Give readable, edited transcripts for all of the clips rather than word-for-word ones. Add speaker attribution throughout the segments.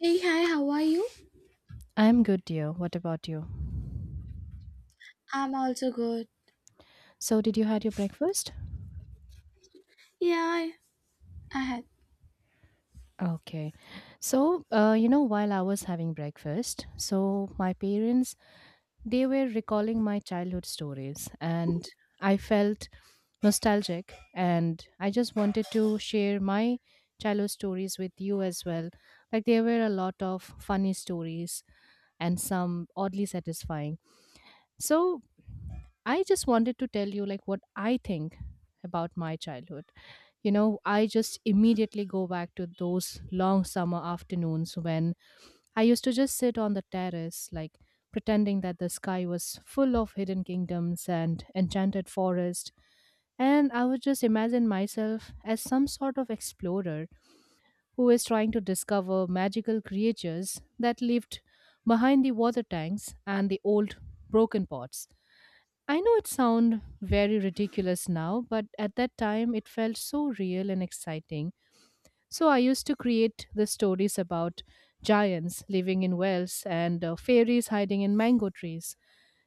Speaker 1: Hey, hi, how are you?
Speaker 2: I'm good, dear. What about you?
Speaker 1: I'm also good.
Speaker 2: So, did you had your breakfast?
Speaker 1: Yeah, I had
Speaker 2: Okay. So, while I was having breakfast, so my parents they were recalling my childhood stories, and I felt nostalgic, and I just wanted to share my childhood stories with you as well. Like there were a lot of funny stories and some oddly satisfying. So, I just wanted to tell you like what I think about my childhood. you know I just immediately go back to those long summer afternoons when I used to just sit on the terrace like pretending that the sky was full of hidden kingdoms and enchanted forest, and I would just imagine myself as some sort of explorer who is trying to discover magical creatures that lived behind the water tanks and the old broken pots. I know it sounds very ridiculous now, but at that time it felt so real and exciting. So I used to create the stories about giants living in wells and fairies hiding in mango trees.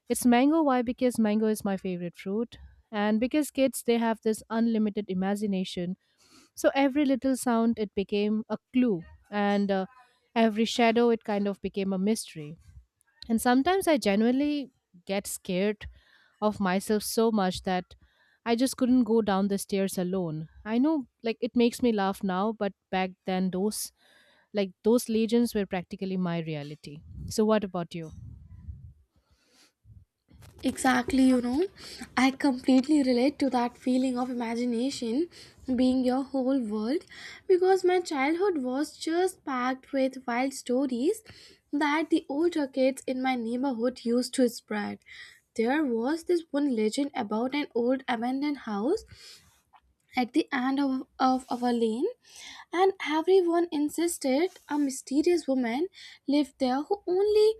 Speaker 2: It's mango why? Because mango is my favorite fruit and because kids they have this unlimited imagination. So every little sound it became a clue, and every shadow it kind of became a mystery. And sometimes I genuinely get scared of myself so much that I just couldn't go down the stairs alone. I know, like, it makes me laugh now, but back then those, like those legends were practically my reality. So what about you?
Speaker 1: exactly, you know, I completely relate to that feeling of imagination being your whole world because my childhood was just packed with wild stories that the older kids in my neighborhood used to spread. There was this one legend about an old abandoned house at the end of our lane, and everyone insisted a mysterious woman lived there who only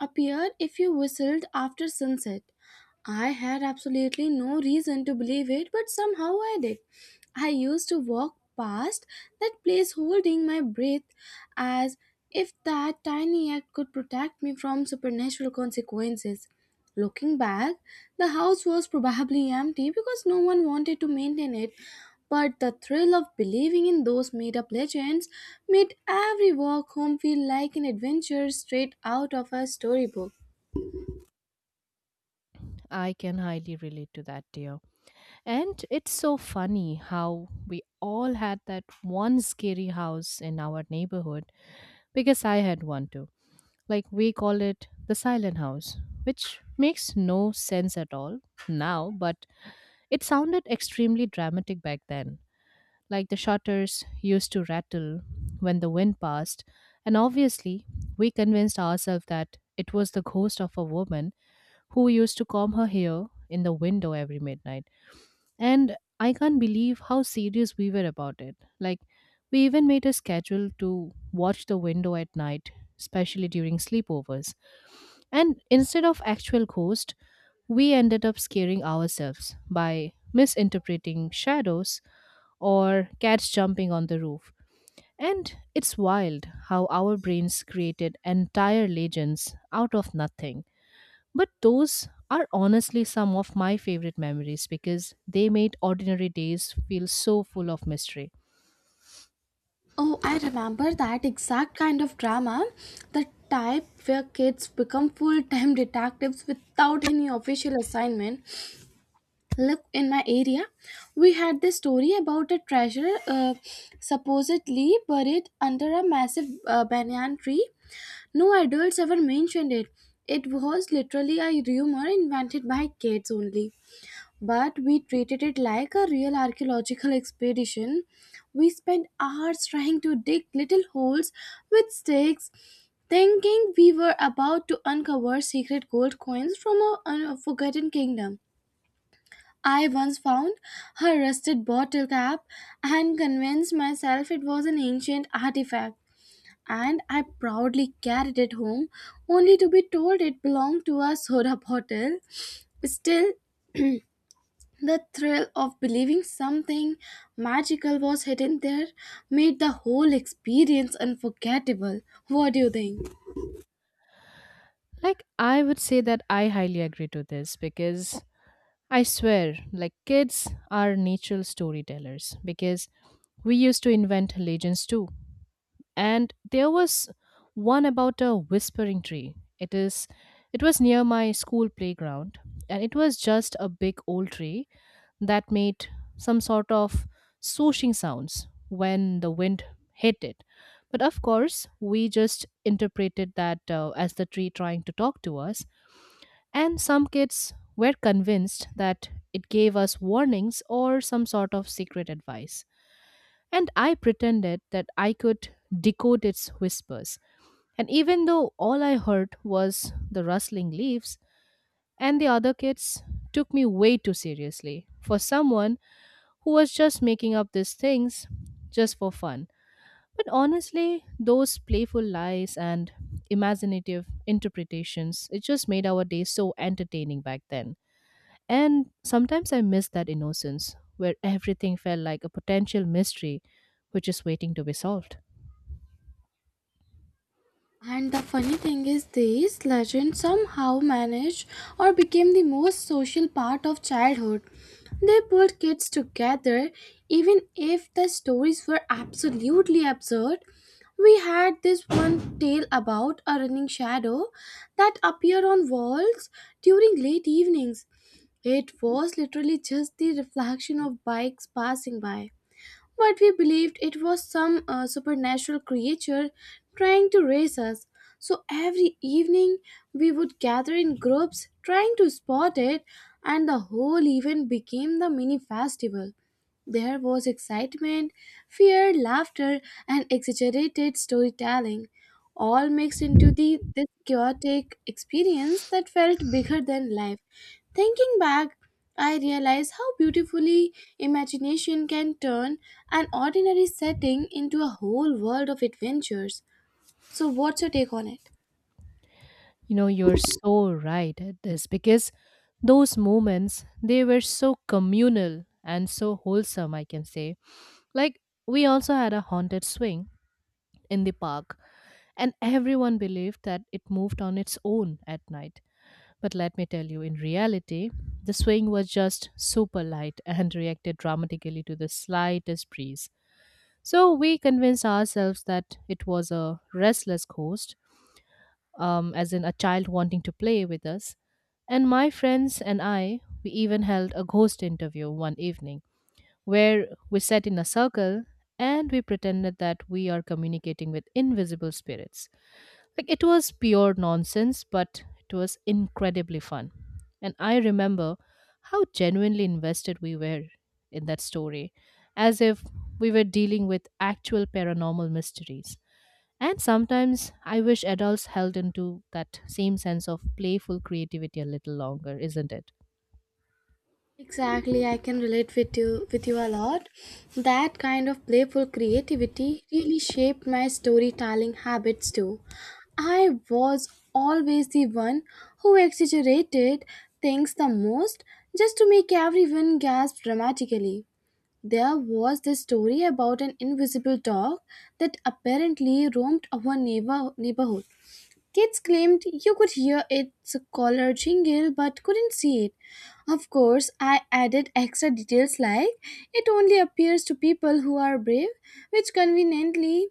Speaker 1: appeared if you whistled after sunset. I had absolutely no reason to believe it, but somehow I did. I used to walk past that place holding my breath as if that tiny act could protect me from supernatural consequences. Looking back, the house was probably empty because no one wanted to maintain it, but the thrill of believing in those made up legends made every walk home feel like an adventure straight out of a storybook.
Speaker 2: I can highly relate to that, dear. And it's so funny how we all had that one scary house in our neighborhood because I had one too. Like, we call it the silent house, which makes no sense at all now, but it sounded extremely dramatic back then. Like, the shutters used to rattle when the wind passed, and obviously we convinced ourselves that it was the ghost of a woman who used to comb her hair in the window every midnight. And I can't believe how serious we were about it. Like, we even made a schedule to watch the window at night, especially during sleepovers. And instead of actual ghosts, we ended up scaring ourselves by misinterpreting shadows or cats jumping on the roof. And it's wild how our brains created entire legends out of nothing. But those are honestly some of my favorite memories because they made ordinary days feel so full of mystery.
Speaker 1: Oh, I remember that exact kind of drama. The type where kids become full time detectives without any official assignment. Look, in my area, we had this story about a treasure supposedly buried under a massive banyan tree. No adults ever mentioned it. It was literally a rumor invented by kids only, but we treated it like a real archaeological expedition. We spent hours trying to dig little holes with sticks, thinking we were about to uncover secret gold coins from a forgotten kingdom. I once found her rusted bottle cap and convinced myself it was an ancient artifact. And I proudly carried it home, only to be told it belonged to a soda bottle. Still, the thrill of believing something magical was hidden there made the whole experience unforgettable. What do you think?
Speaker 2: Like, I would say that I highly agree to this because I swear, like, kids are natural storytellers because we used to invent legends too. And there was one about a whispering tree. It was near my school playground, and it was just a big old tree that made some sort of swooshing sounds when the wind hit it, but of course we just interpreted that as the tree trying to talk to us, and some kids were convinced that it gave us warnings or some sort of secret advice, and I pretended that I could decode its whispers. And even though all I heard was the rustling leaves, and the other kids took me way too seriously for someone who was just making up these things just for fun. But honestly, those playful lies and imaginative interpretations, it just made our days so entertaining back then. And sometimes I miss that innocence where everything felt like a potential mystery which is waiting to be solved.
Speaker 1: And the funny thing is, these legends somehow managed or became the most social part of childhood. They pulled kids together, even if the stories were absolutely absurd. We had this one tale about a running shadow that appeared on walls during late evenings. It was literally just the reflection of bikes passing by. But we believed it was some supernatural creature trying to race us. So every evening we would gather in groups trying to spot it, and the whole event became the mini festival. There was excitement, fear, laughter, and exaggerated storytelling all mixed into the this chaotic experience that felt bigger than life. Thinking back, I realize how beautifully imagination can turn an ordinary setting into a whole world of adventures. So what's your take on it?
Speaker 2: You know, you're so right at this because those moments they were so communal and so wholesome, I can say. Like, we also had a haunted swing in the park, and everyone believed that it moved on its own at night. But let me tell you, in reality, the swing was just super light and reacted dramatically to the slightest breeze. So we convinced ourselves that it was a restless ghost, as in a child wanting to play with us. And my friends and I, we even held a ghost interview one evening where we sat in a circle and we pretended that we are communicating with invisible spirits. Like, it was pure nonsense, but it was incredibly fun. And I remember how genuinely invested we were in that story, as if we were dealing with actual paranormal mysteries. And sometimes I wish adults held into that same sense of playful creativity a little longer, isn't it?
Speaker 1: Exactly, I can relate with you a lot. That kind of playful creativity really shaped my storytelling habits too. I was always the one who exaggerated things the most just to make everyone gasp dramatically. There was this story about an invisible dog that apparently roamed our neighborhood. Kids claimed you could hear its collar jingle but couldn't see it. Of course, I added extra details like it only appears to people who are brave, which conveniently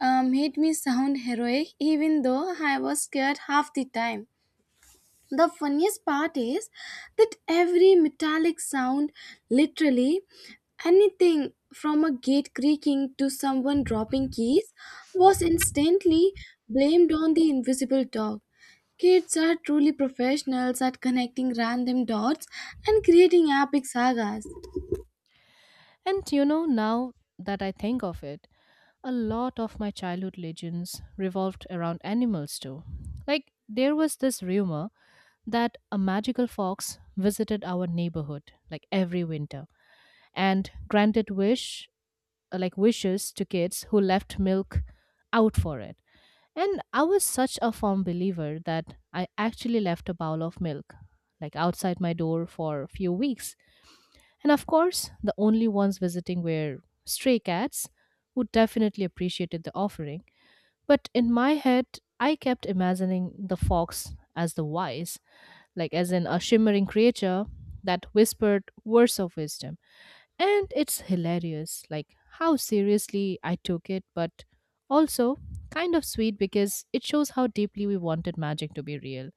Speaker 1: made me sound heroic even though I was scared half the time. The funniest part is that every metallic sound, literally anything from a gate creaking to someone dropping keys, was instantly blamed on the invisible dog. Kids are truly professionals at connecting random dots and creating epic sagas.
Speaker 2: And you know, now that I think of it, a lot of my childhood legends revolved around animals too. Like, there was this rumor that a magical fox visited our neighborhood, like every winter, and granted wish like wishes to kids who left milk out for it. And I was such a firm believer that I actually left a bowl of milk like outside my door for a few weeks. And of course, the only ones visiting were stray cats who definitely appreciated the offering. But in my head, I kept imagining the fox as the wise, like as in a shimmering creature that whispered words of wisdom. And it's hilarious, like how seriously I took it, but also kind of sweet because it shows how deeply we wanted magic to be real.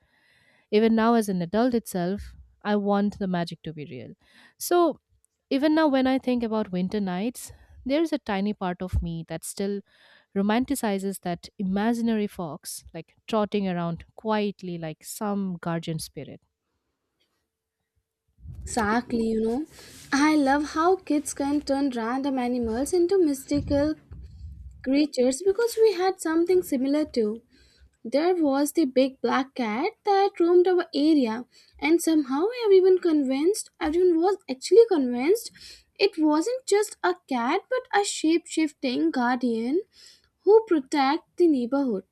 Speaker 2: Even now, as an adult itself, I want the magic to be real. So, even now, when I think about winter nights, there's a tiny part of me that still romanticizes that imaginary fox, like trotting around quietly like some guardian spirit.
Speaker 1: Exactly, you know, I love how kids can turn random animals into mystical creatures because we had something similar too. There was the big black cat that roamed our area, and somehow everyone convinced everyone was actually convinced it wasn't just a cat but a shape shifting guardian who protect the neighborhood.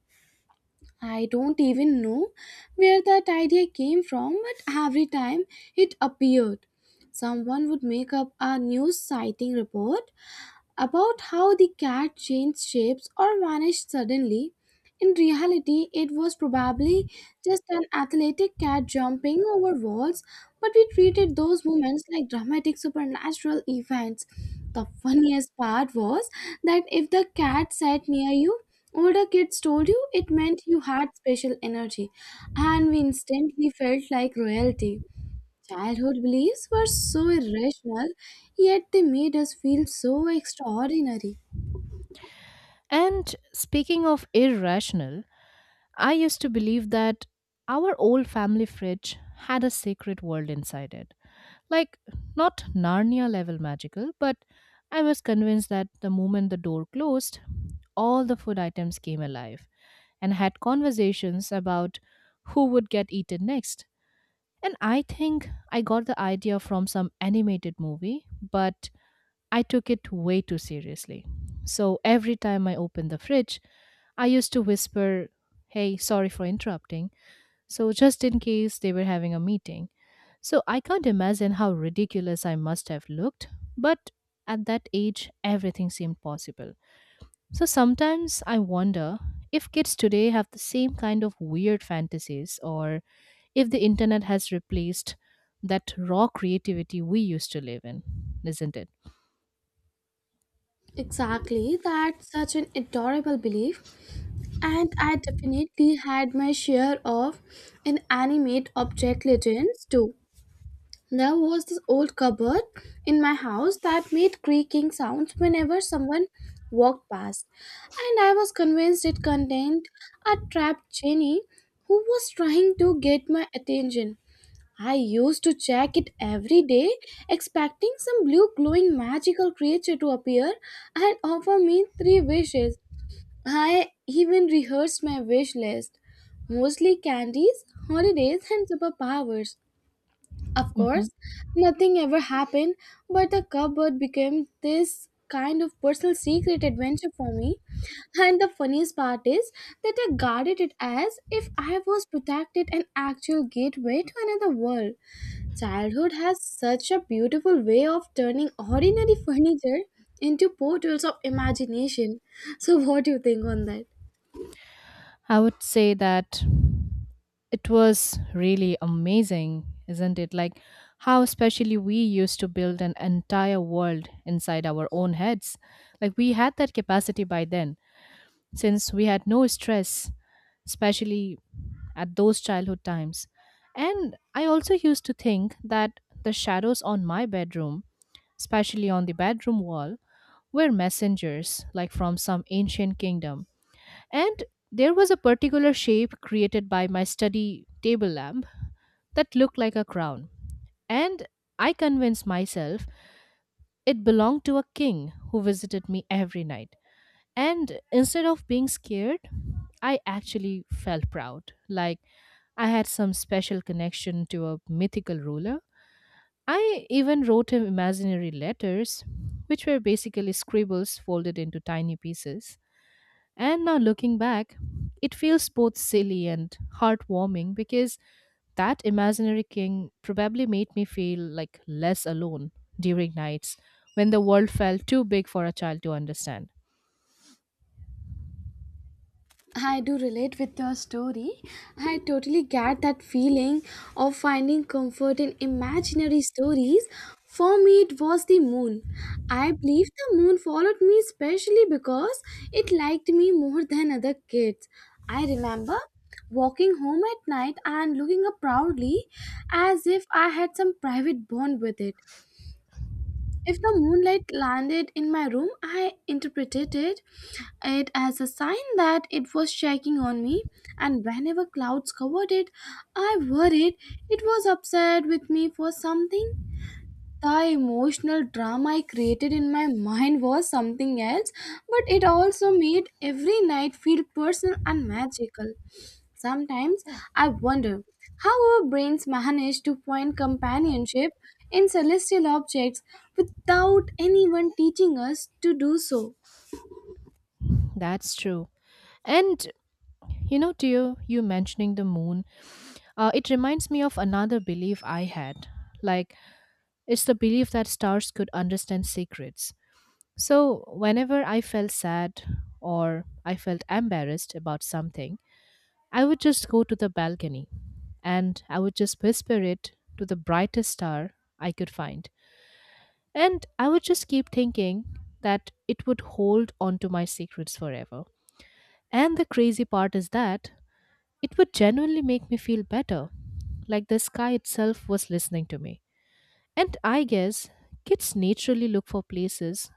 Speaker 1: I don't even know where that idea came from, but every time it appeared, someone would make up a news sighting report about how the cat changed shapes or vanished suddenly. In reality, it was probably just an athletic cat jumping over walls, but we treated those moments like dramatic supernatural events. The funniest part was that if the cat sat near you, older kids told you it meant you had special energy, and we instantly felt like royalty. Childhood beliefs were so irrational, yet they made us feel so extraordinary.
Speaker 2: And speaking of irrational, I used to believe that our old family fridge had a secret world inside it. Like, not Narnia level magical, but I was convinced that the moment the door closed, all the food items came alive and had conversations about who would get eaten next. And I think I got the idea from some animated movie, but I took it way too seriously. So every time I opened the fridge, I used to whisper, "Hey, sorry for interrupting," so, just in case they were having a meeting. So, I can't imagine how ridiculous I must have looked, but at that age, everything seemed possible. So, sometimes I wonder if kids today have the same kind of weird fantasies or if the internet has replaced that raw creativity we used to live in, isn't it?
Speaker 1: Exactly, that's such an adorable belief. And I definitely had my share of inanimate object legends too. There was this old cupboard in my house that made creaking sounds whenever someone walked past, and I was convinced it contained a trapped genie who was trying to get my attention. I used to check it every day, expecting some blue glowing magical creature to appear and offer me three wishes. I even rehearsed my wish list, mostly candies, holidays, and superpowers. Of
Speaker 2: Mhm.
Speaker 1: course, nothing ever happened, but the cupboard became this kind of personal secret adventure for me. And the funniest part is that I guarded it as if I was protected an actual gateway to another world. Childhood has such a beautiful way of turning ordinary furniture into portals of imagination. So, what do you think on that?
Speaker 2: I would say that it was really amazing, isn't it? Like, how especially we used to build an entire world inside our own heads. Like, we had that capacity by then since we had no stress, especially at those childhood times. And I also used to think that the shadows on my bedroom, especially on the bedroom wall, were messengers like from some ancient kingdom, and there was a particular shape created by my study table lamp that looked like a crown. And I convinced myself it belonged to a king who visited me every night. And instead of being scared, I actually felt proud, like I had some special connection to a mythical ruler. I even wrote him imaginary letters, which were basically scribbles folded into tiny pieces. And now looking back, it feels both silly and heartwarming because that imaginary king probably made me feel like less alone during nights when the world felt too big for a child to understand.
Speaker 1: I do relate with your story. I totally get that feeling of finding comfort in imaginary stories. For me, it was the moon. I believe the moon followed me especially because it liked me more than other kids. I remember walking home at night and looking up proudly as if I had some private bond with it. If the moonlight landed in my room, it as a sign that it was checking on me, and whenever clouds covered it, I worried it was upset with me for something. The emotional drama I created in my mind was something else, but it also made every night feel personal and magical. Sometimes I wonder how our brains manage to find companionship in celestial objects without anyone teaching us to do so.
Speaker 2: That's true. And you know, dear, you mentioning the moon, it reminds me of another belief I had. Like, it's the belief that stars could understand secrets. So, whenever I felt sad or I felt embarrassed about something, I would just go to the balcony and I would just whisper it to the brightest star I could find. And I would just keep thinking that it would hold on to my secrets forever. And the crazy part is that it would genuinely make me feel better, like the sky itself was listening to me. And I guess kids naturally look for places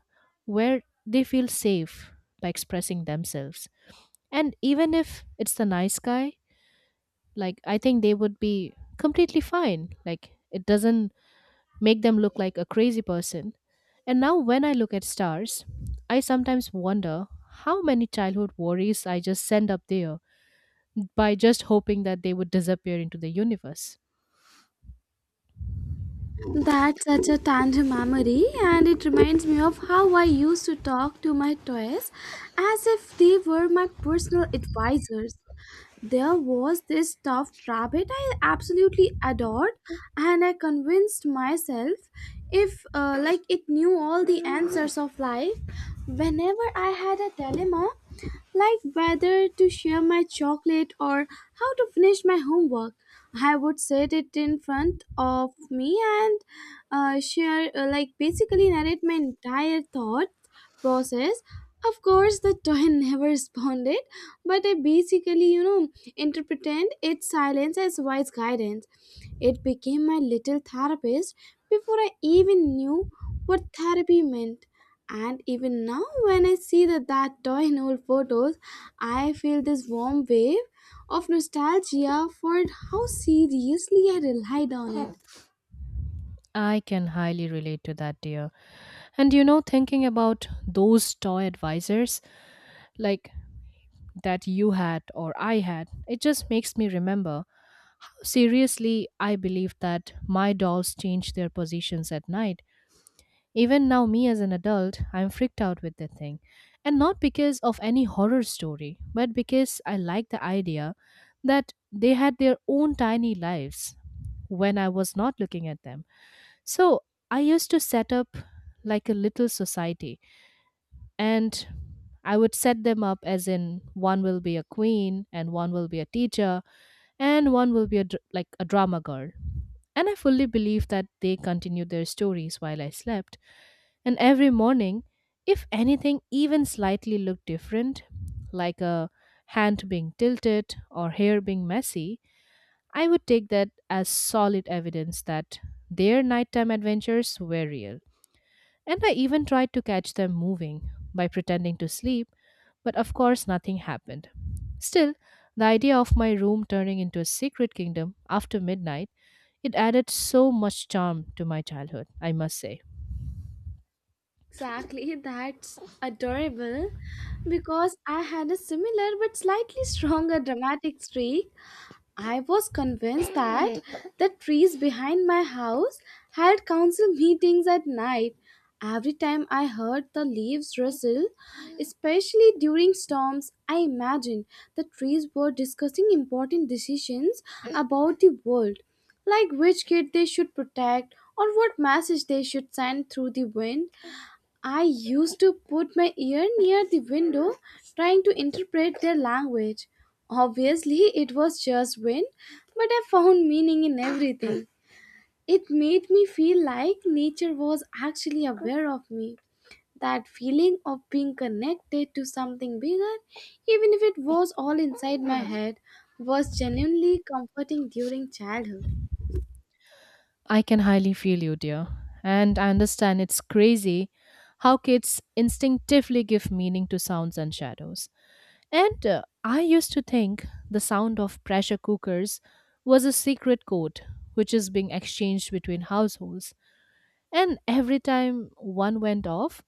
Speaker 2: where they feel safe by expressing themselves. And even if it's the night sky, like, I think they would be completely fine. Like, it doesn't make them look like a crazy person. And now when I look at stars, I sometimes wonder how many childhood worries I just send up there by just hoping that they would disappear into the universe.
Speaker 1: That's such a tender memory, and it reminds me of how I used to talk to my toys as if they were my personal advisors. There was this stuffed rabbit I absolutely adored, and I convinced myself if, like, it knew all the answers of life. Whenever I had a dilemma, like whether to share my chocolate or how to finish my homework, I would set it in front of me and basically narrate my entire thought process. Of course, the toy never responded, but I basically, you know, interpreted its silence as wise guidance. It became my little therapist before I even knew what therapy meant. And even now, when I see that toy in old photos, I feel this warm wave of nostalgia for how seriously I relied on it.
Speaker 2: I can highly relate to that, dear. And you know, thinking about those toy advisors, like, that you had or I had, it just makes me remember how seriously I believed that my dolls change their positions at night. Even now, me as an adult, I'm freaked out with the thing. And not because of any horror story, but because I like the idea that they had their own tiny lives when I was not looking at them. So I used to set up like a little society, and I would set them up as in one will be a queen and one will be a teacher and one will be a, a drama girl. And I fully believe that they continued their stories while I slept. And every morning, if anything even slightly looked different, like a hand being tilted or hair being messy, I would take that as solid evidence that their nighttime adventures were real. And I even tried to catch them moving by pretending to sleep, but of course nothing happened. Still, the idea of my room turning into a secret kingdom after midnight, it added so much charm to my childhood, I must say.
Speaker 1: Exactly, that's adorable because I had a similar but slightly stronger dramatic streak. I was convinced that the trees behind my house had council meetings at night. Every time I heard the leaves rustle, especially during storms, I imagined the trees were discussing important decisions about the world, like which kid they should protect or what message they should send through the wind. I used to put my ear near the window trying to interpret their language. Obviously, it was just wind, but I found meaning in everything. It made me feel like nature was actually aware of me. That feeling of being connected to something bigger, even if it was all inside my head, was genuinely comforting during childhood.
Speaker 2: I can highly feel you, dear, and I understand it's crazy how kids instinctively give meaning to sounds and shadows. And I used to think the sound of pressure cookers was a secret code which is being exchanged between households. And every time one went off,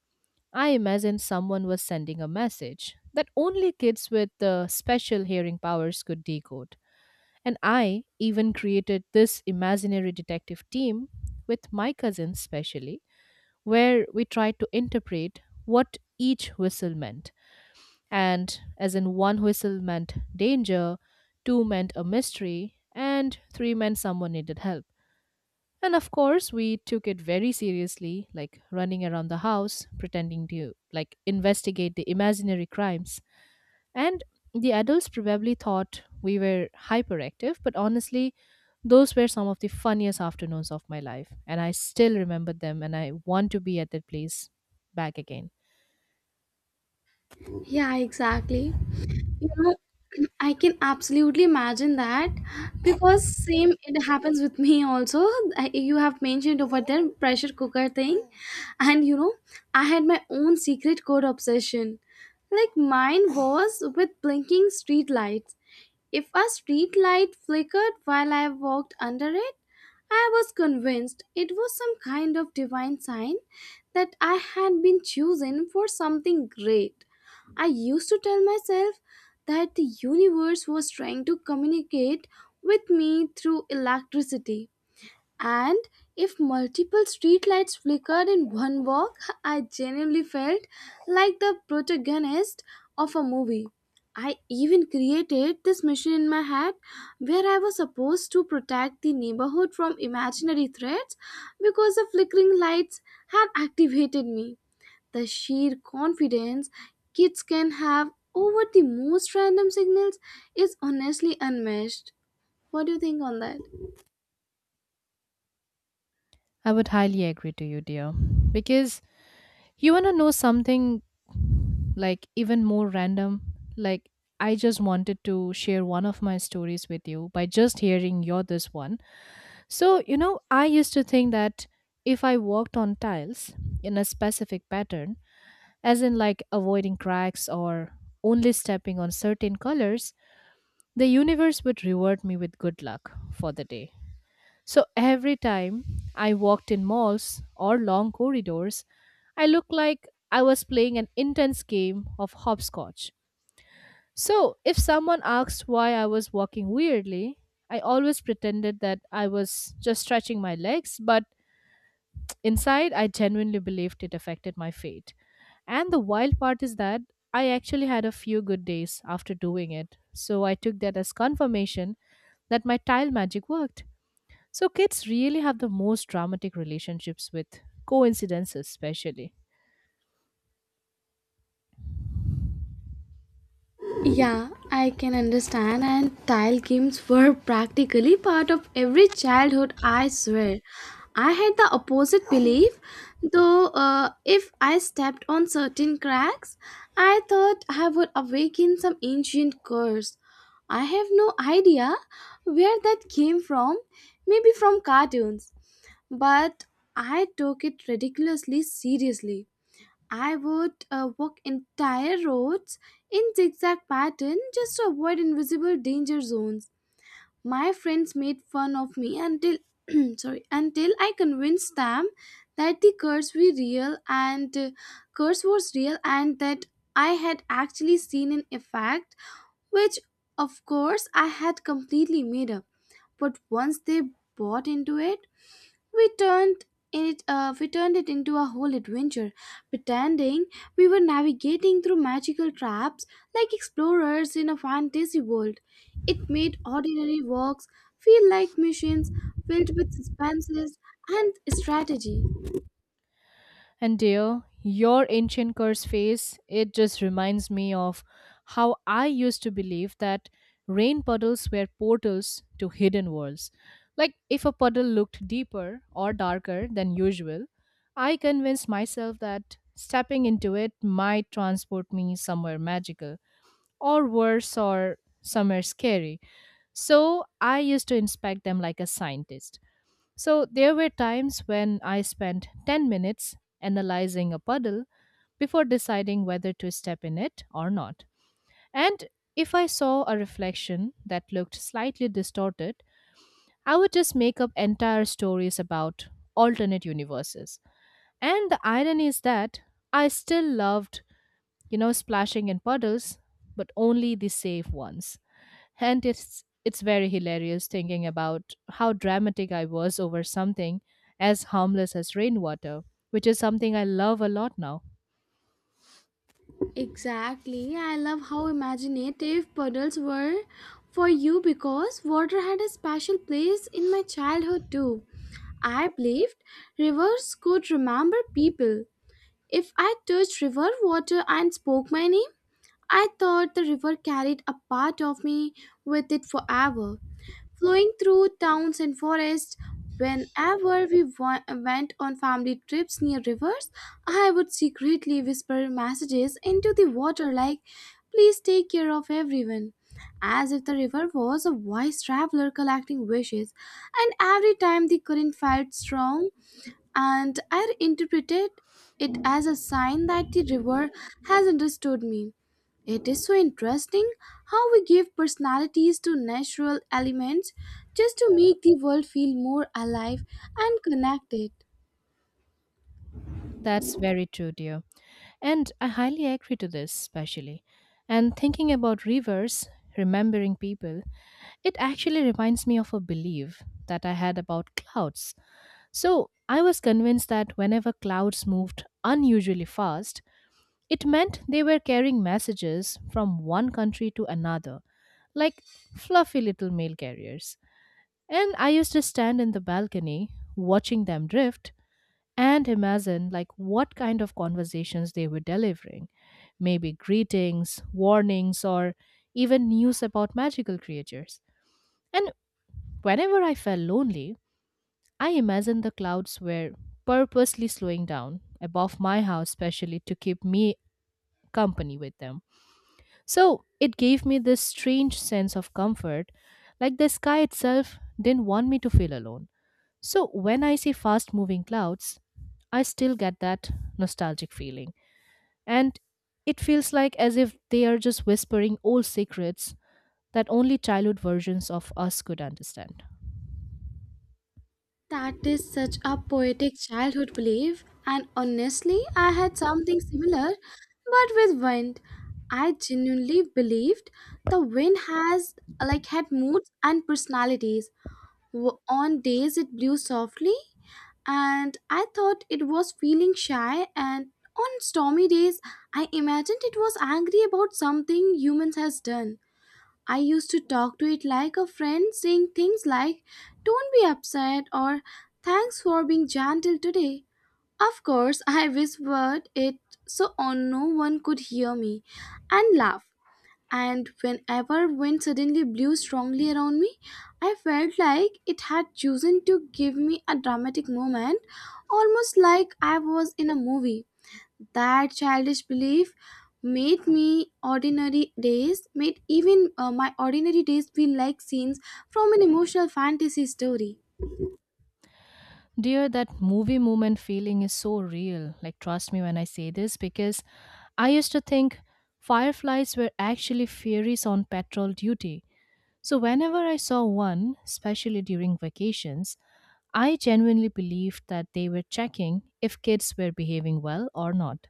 Speaker 2: I imagined someone was sending a message that only kids with special hearing powers could decode. And I even created this imaginary detective team with my cousins, specially, where we tried to interpret what each whistle meant and as in one whistle meant danger, two meant a mystery, and three meant someone needed help. And of course, we took it very seriously, like running around the house, pretending to like investigate the imaginary crimes. And the adults probably thought we were hyperactive, but honestly, those were some of the funniest afternoons of my life, and I still remember them, and I want to be at that place back again.
Speaker 1: Yeah, exactly. You know, I can absolutely imagine that because same it happens with me also. You have mentioned over there pressure cooker thing, and you know, I had my own secret code obsession. Like mine was with blinking street lights. If a street light flickered while I walked under it, I was convinced it was some kind of divine sign that I had been chosen for something great. I used to tell myself that the universe was trying to communicate with me through electricity. And if multiple streetlights flickered in one walk, I genuinely felt like the protagonist of a movie. I even created this mission in my head where I was supposed to protect the neighborhood from imaginary threats because the flickering lights had activated me. The sheer confidence kids can have over the most random signals is honestly unmatched. What do you think on that?
Speaker 2: I would highly agree to you, dear, because you want to know something like even more random? Like, I just wanted to share one of my stories with you by just hearing your this one. So, you know, I used to think that if I walked on tiles in a specific pattern, as in like avoiding cracks or only stepping on certain colors, the universe would reward me with good luck for the day. So every time I walked in malls or long corridors, I looked like I was playing an intense game of hopscotch. So if someone asked why I was walking weirdly, I always pretended that I was just stretching my legs, but inside I genuinely believed it affected my fate. And the wild part is that I actually had a few good days after doing it, so I took that as confirmation that my tile magic worked. So kids really have the most dramatic relationships with coincidences, especially.
Speaker 1: Yeah, I can understand, and tile games were practically part of every childhood, I swear. I had the opposite belief, though, if I stepped on certain cracks, I thought I would awaken some ancient curse. I have no idea where that came from, maybe from cartoons, but I took it ridiculously seriously. I would walk entire roads in zigzag pattern just to avoid invisible danger zones. My friends made fun of me until sorry, until I convinced them that the curse we real and curse was real and that I had actually seen an effect which of course I had completely made up. But once they bought into it, we turned we turned it into a whole adventure, pretending we were navigating through magical traps like explorers in a fantasy world. It made ordinary walks feel like missions filled with suspenses and strategy.
Speaker 2: And dear, your ancient curse face, it just reminds me of how I used to believe that rain puddles were portals to hidden worlds. Like if a puddle looked deeper or darker than usual, I convinced myself that stepping into it might transport me somewhere magical, or worse, or somewhere scary. So I used to inspect them like a scientist. So there were times when I spent 10 minutes analyzing a puddle before deciding whether to step in it or not. And if I saw a reflection that looked slightly distorted, I would just make up entire stories about alternate universes. And the irony is that I still loved, you know, splashing in puddles, but only the safe ones. And it's very hilarious thinking about how dramatic I was over something as harmless as rainwater, which is something I love a lot now.
Speaker 1: Exactly. I love how imaginative puddles were for you because water had a special place in my childhood too. I believed rivers could remember people. If I touched river water and spoke my name, I thought the river carried a part of me with it forever, flowing through towns and forests. Whenever we went on family trips near rivers, I would secretly whisper messages into the water like, "Please take care of everyone." As if the river was a wise traveler collecting wishes, and every time the current felt strong, and I interpreted it as a sign that the river has understood me. It is so interesting how we give personalities to natural elements just to make the world feel more alive and connected.
Speaker 2: That's very true, dear. And I highly agree to this, especially. And thinking about rivers, remembering people, it actually reminds me of a belief that I had about clouds. So I was convinced that whenever clouds moved unusually fast, it meant they were carrying messages from one country to another, like fluffy little mail carriers. And I used to stand in the balcony watching them drift and imagine like what kind of conversations they were delivering, maybe greetings, warnings, or even news about magical creatures. And whenever I felt lonely, I imagined the clouds were purposely slowing down above my house especially to keep me company with them. So it gave me this strange sense of comfort, like the sky itself didn't want me to feel alone. So when I see fast moving clouds, I still get that nostalgic feeling. And it feels like as if they are just whispering old secrets that only childhood versions of us could understand.
Speaker 1: That is such a poetic childhood belief, and honestly, I had something similar but with wind. I genuinely believed the wind has like had moods and personalities. On days it blew softly, and I thought it was feeling shy, and on stormy days, I imagined it was angry about something humans has done. I used to talk to it like a friend, saying things like, "Don't be upset," or "Thanks for being gentle today." Of course, I whispered it so on no one could hear me and laugh, and whenever wind suddenly blew strongly around me, I felt like it had chosen to give me a dramatic moment, almost like I was in a movie. That childish belief made even my ordinary days feel like scenes from an emotional fantasy story.
Speaker 2: Dear, that movie moment feeling is so real. Like, trust me when I say this, because I used to think fireflies were actually fairies on patrol duty. So, whenever I saw one, especially during vacations, I genuinely believed that they were checking if kids were behaving well or not.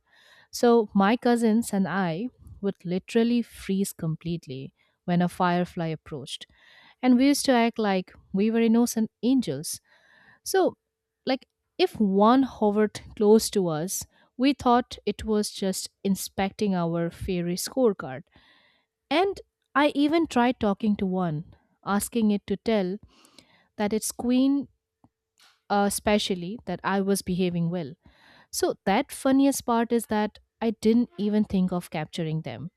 Speaker 2: So, my cousins and I would literally freeze completely when a firefly approached. And we used to act like we were innocent angels. So, like, if one hovered close to us, we thought it was just inspecting our fairy scorecard. And I even tried talking to one, asking it to tell that its queen, specially, that I was behaving well. So, that funniest part is that I didn't even think of capturing them.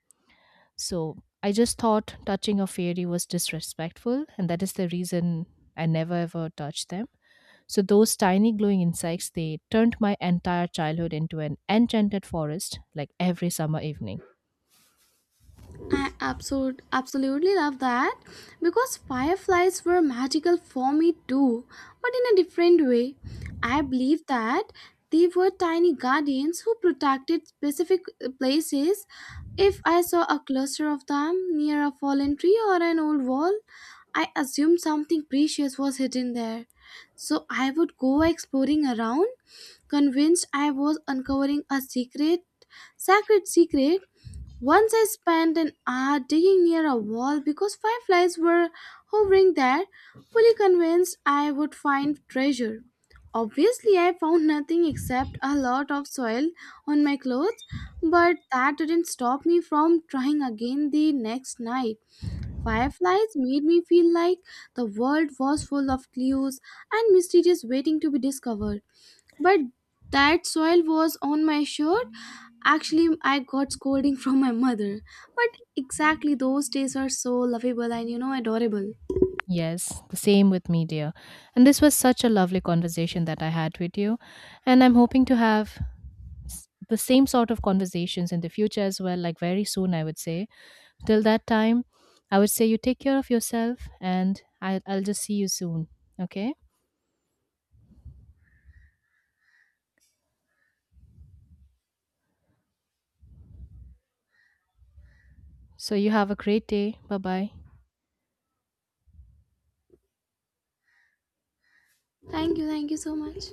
Speaker 2: So, I just thought touching a fairy was disrespectful, and that is the reason I never ever touched them. So, those tiny glowing insects, they turned my entire childhood into an enchanted forest, like every summer evening.
Speaker 1: I absolutely love that because fireflies were magical for me too, but in a different way. I believe that they were tiny guardians who protected specific places. If I saw a cluster of them near a fallen tree or an old wall, I assumed something precious was hidden there. So I would go exploring around, convinced I was uncovering a sacred secret. Once I spent an hour digging near a wall because fireflies were hovering there, fully convinced I would find treasure. Obviously, I found nothing except a lot of soil on my clothes, but that didn't stop me from trying again the next night. Fireflies made me feel like the world was full of clues and mysteries waiting to be discovered, but that soil was on my shirt. Actually, I got scolding from my mother, but exactly those days are so lovable and, you know, adorable.
Speaker 2: Yes, the same with me, dear. And this was such a lovely conversation that I had with you. And I'm hoping to have the same sort of conversations in the future as well, like very soon, I would say. Till that time, I would say you take care of yourself and I'll just see you soon. Okay? So you have a great day. Bye bye.
Speaker 1: Thank you so much.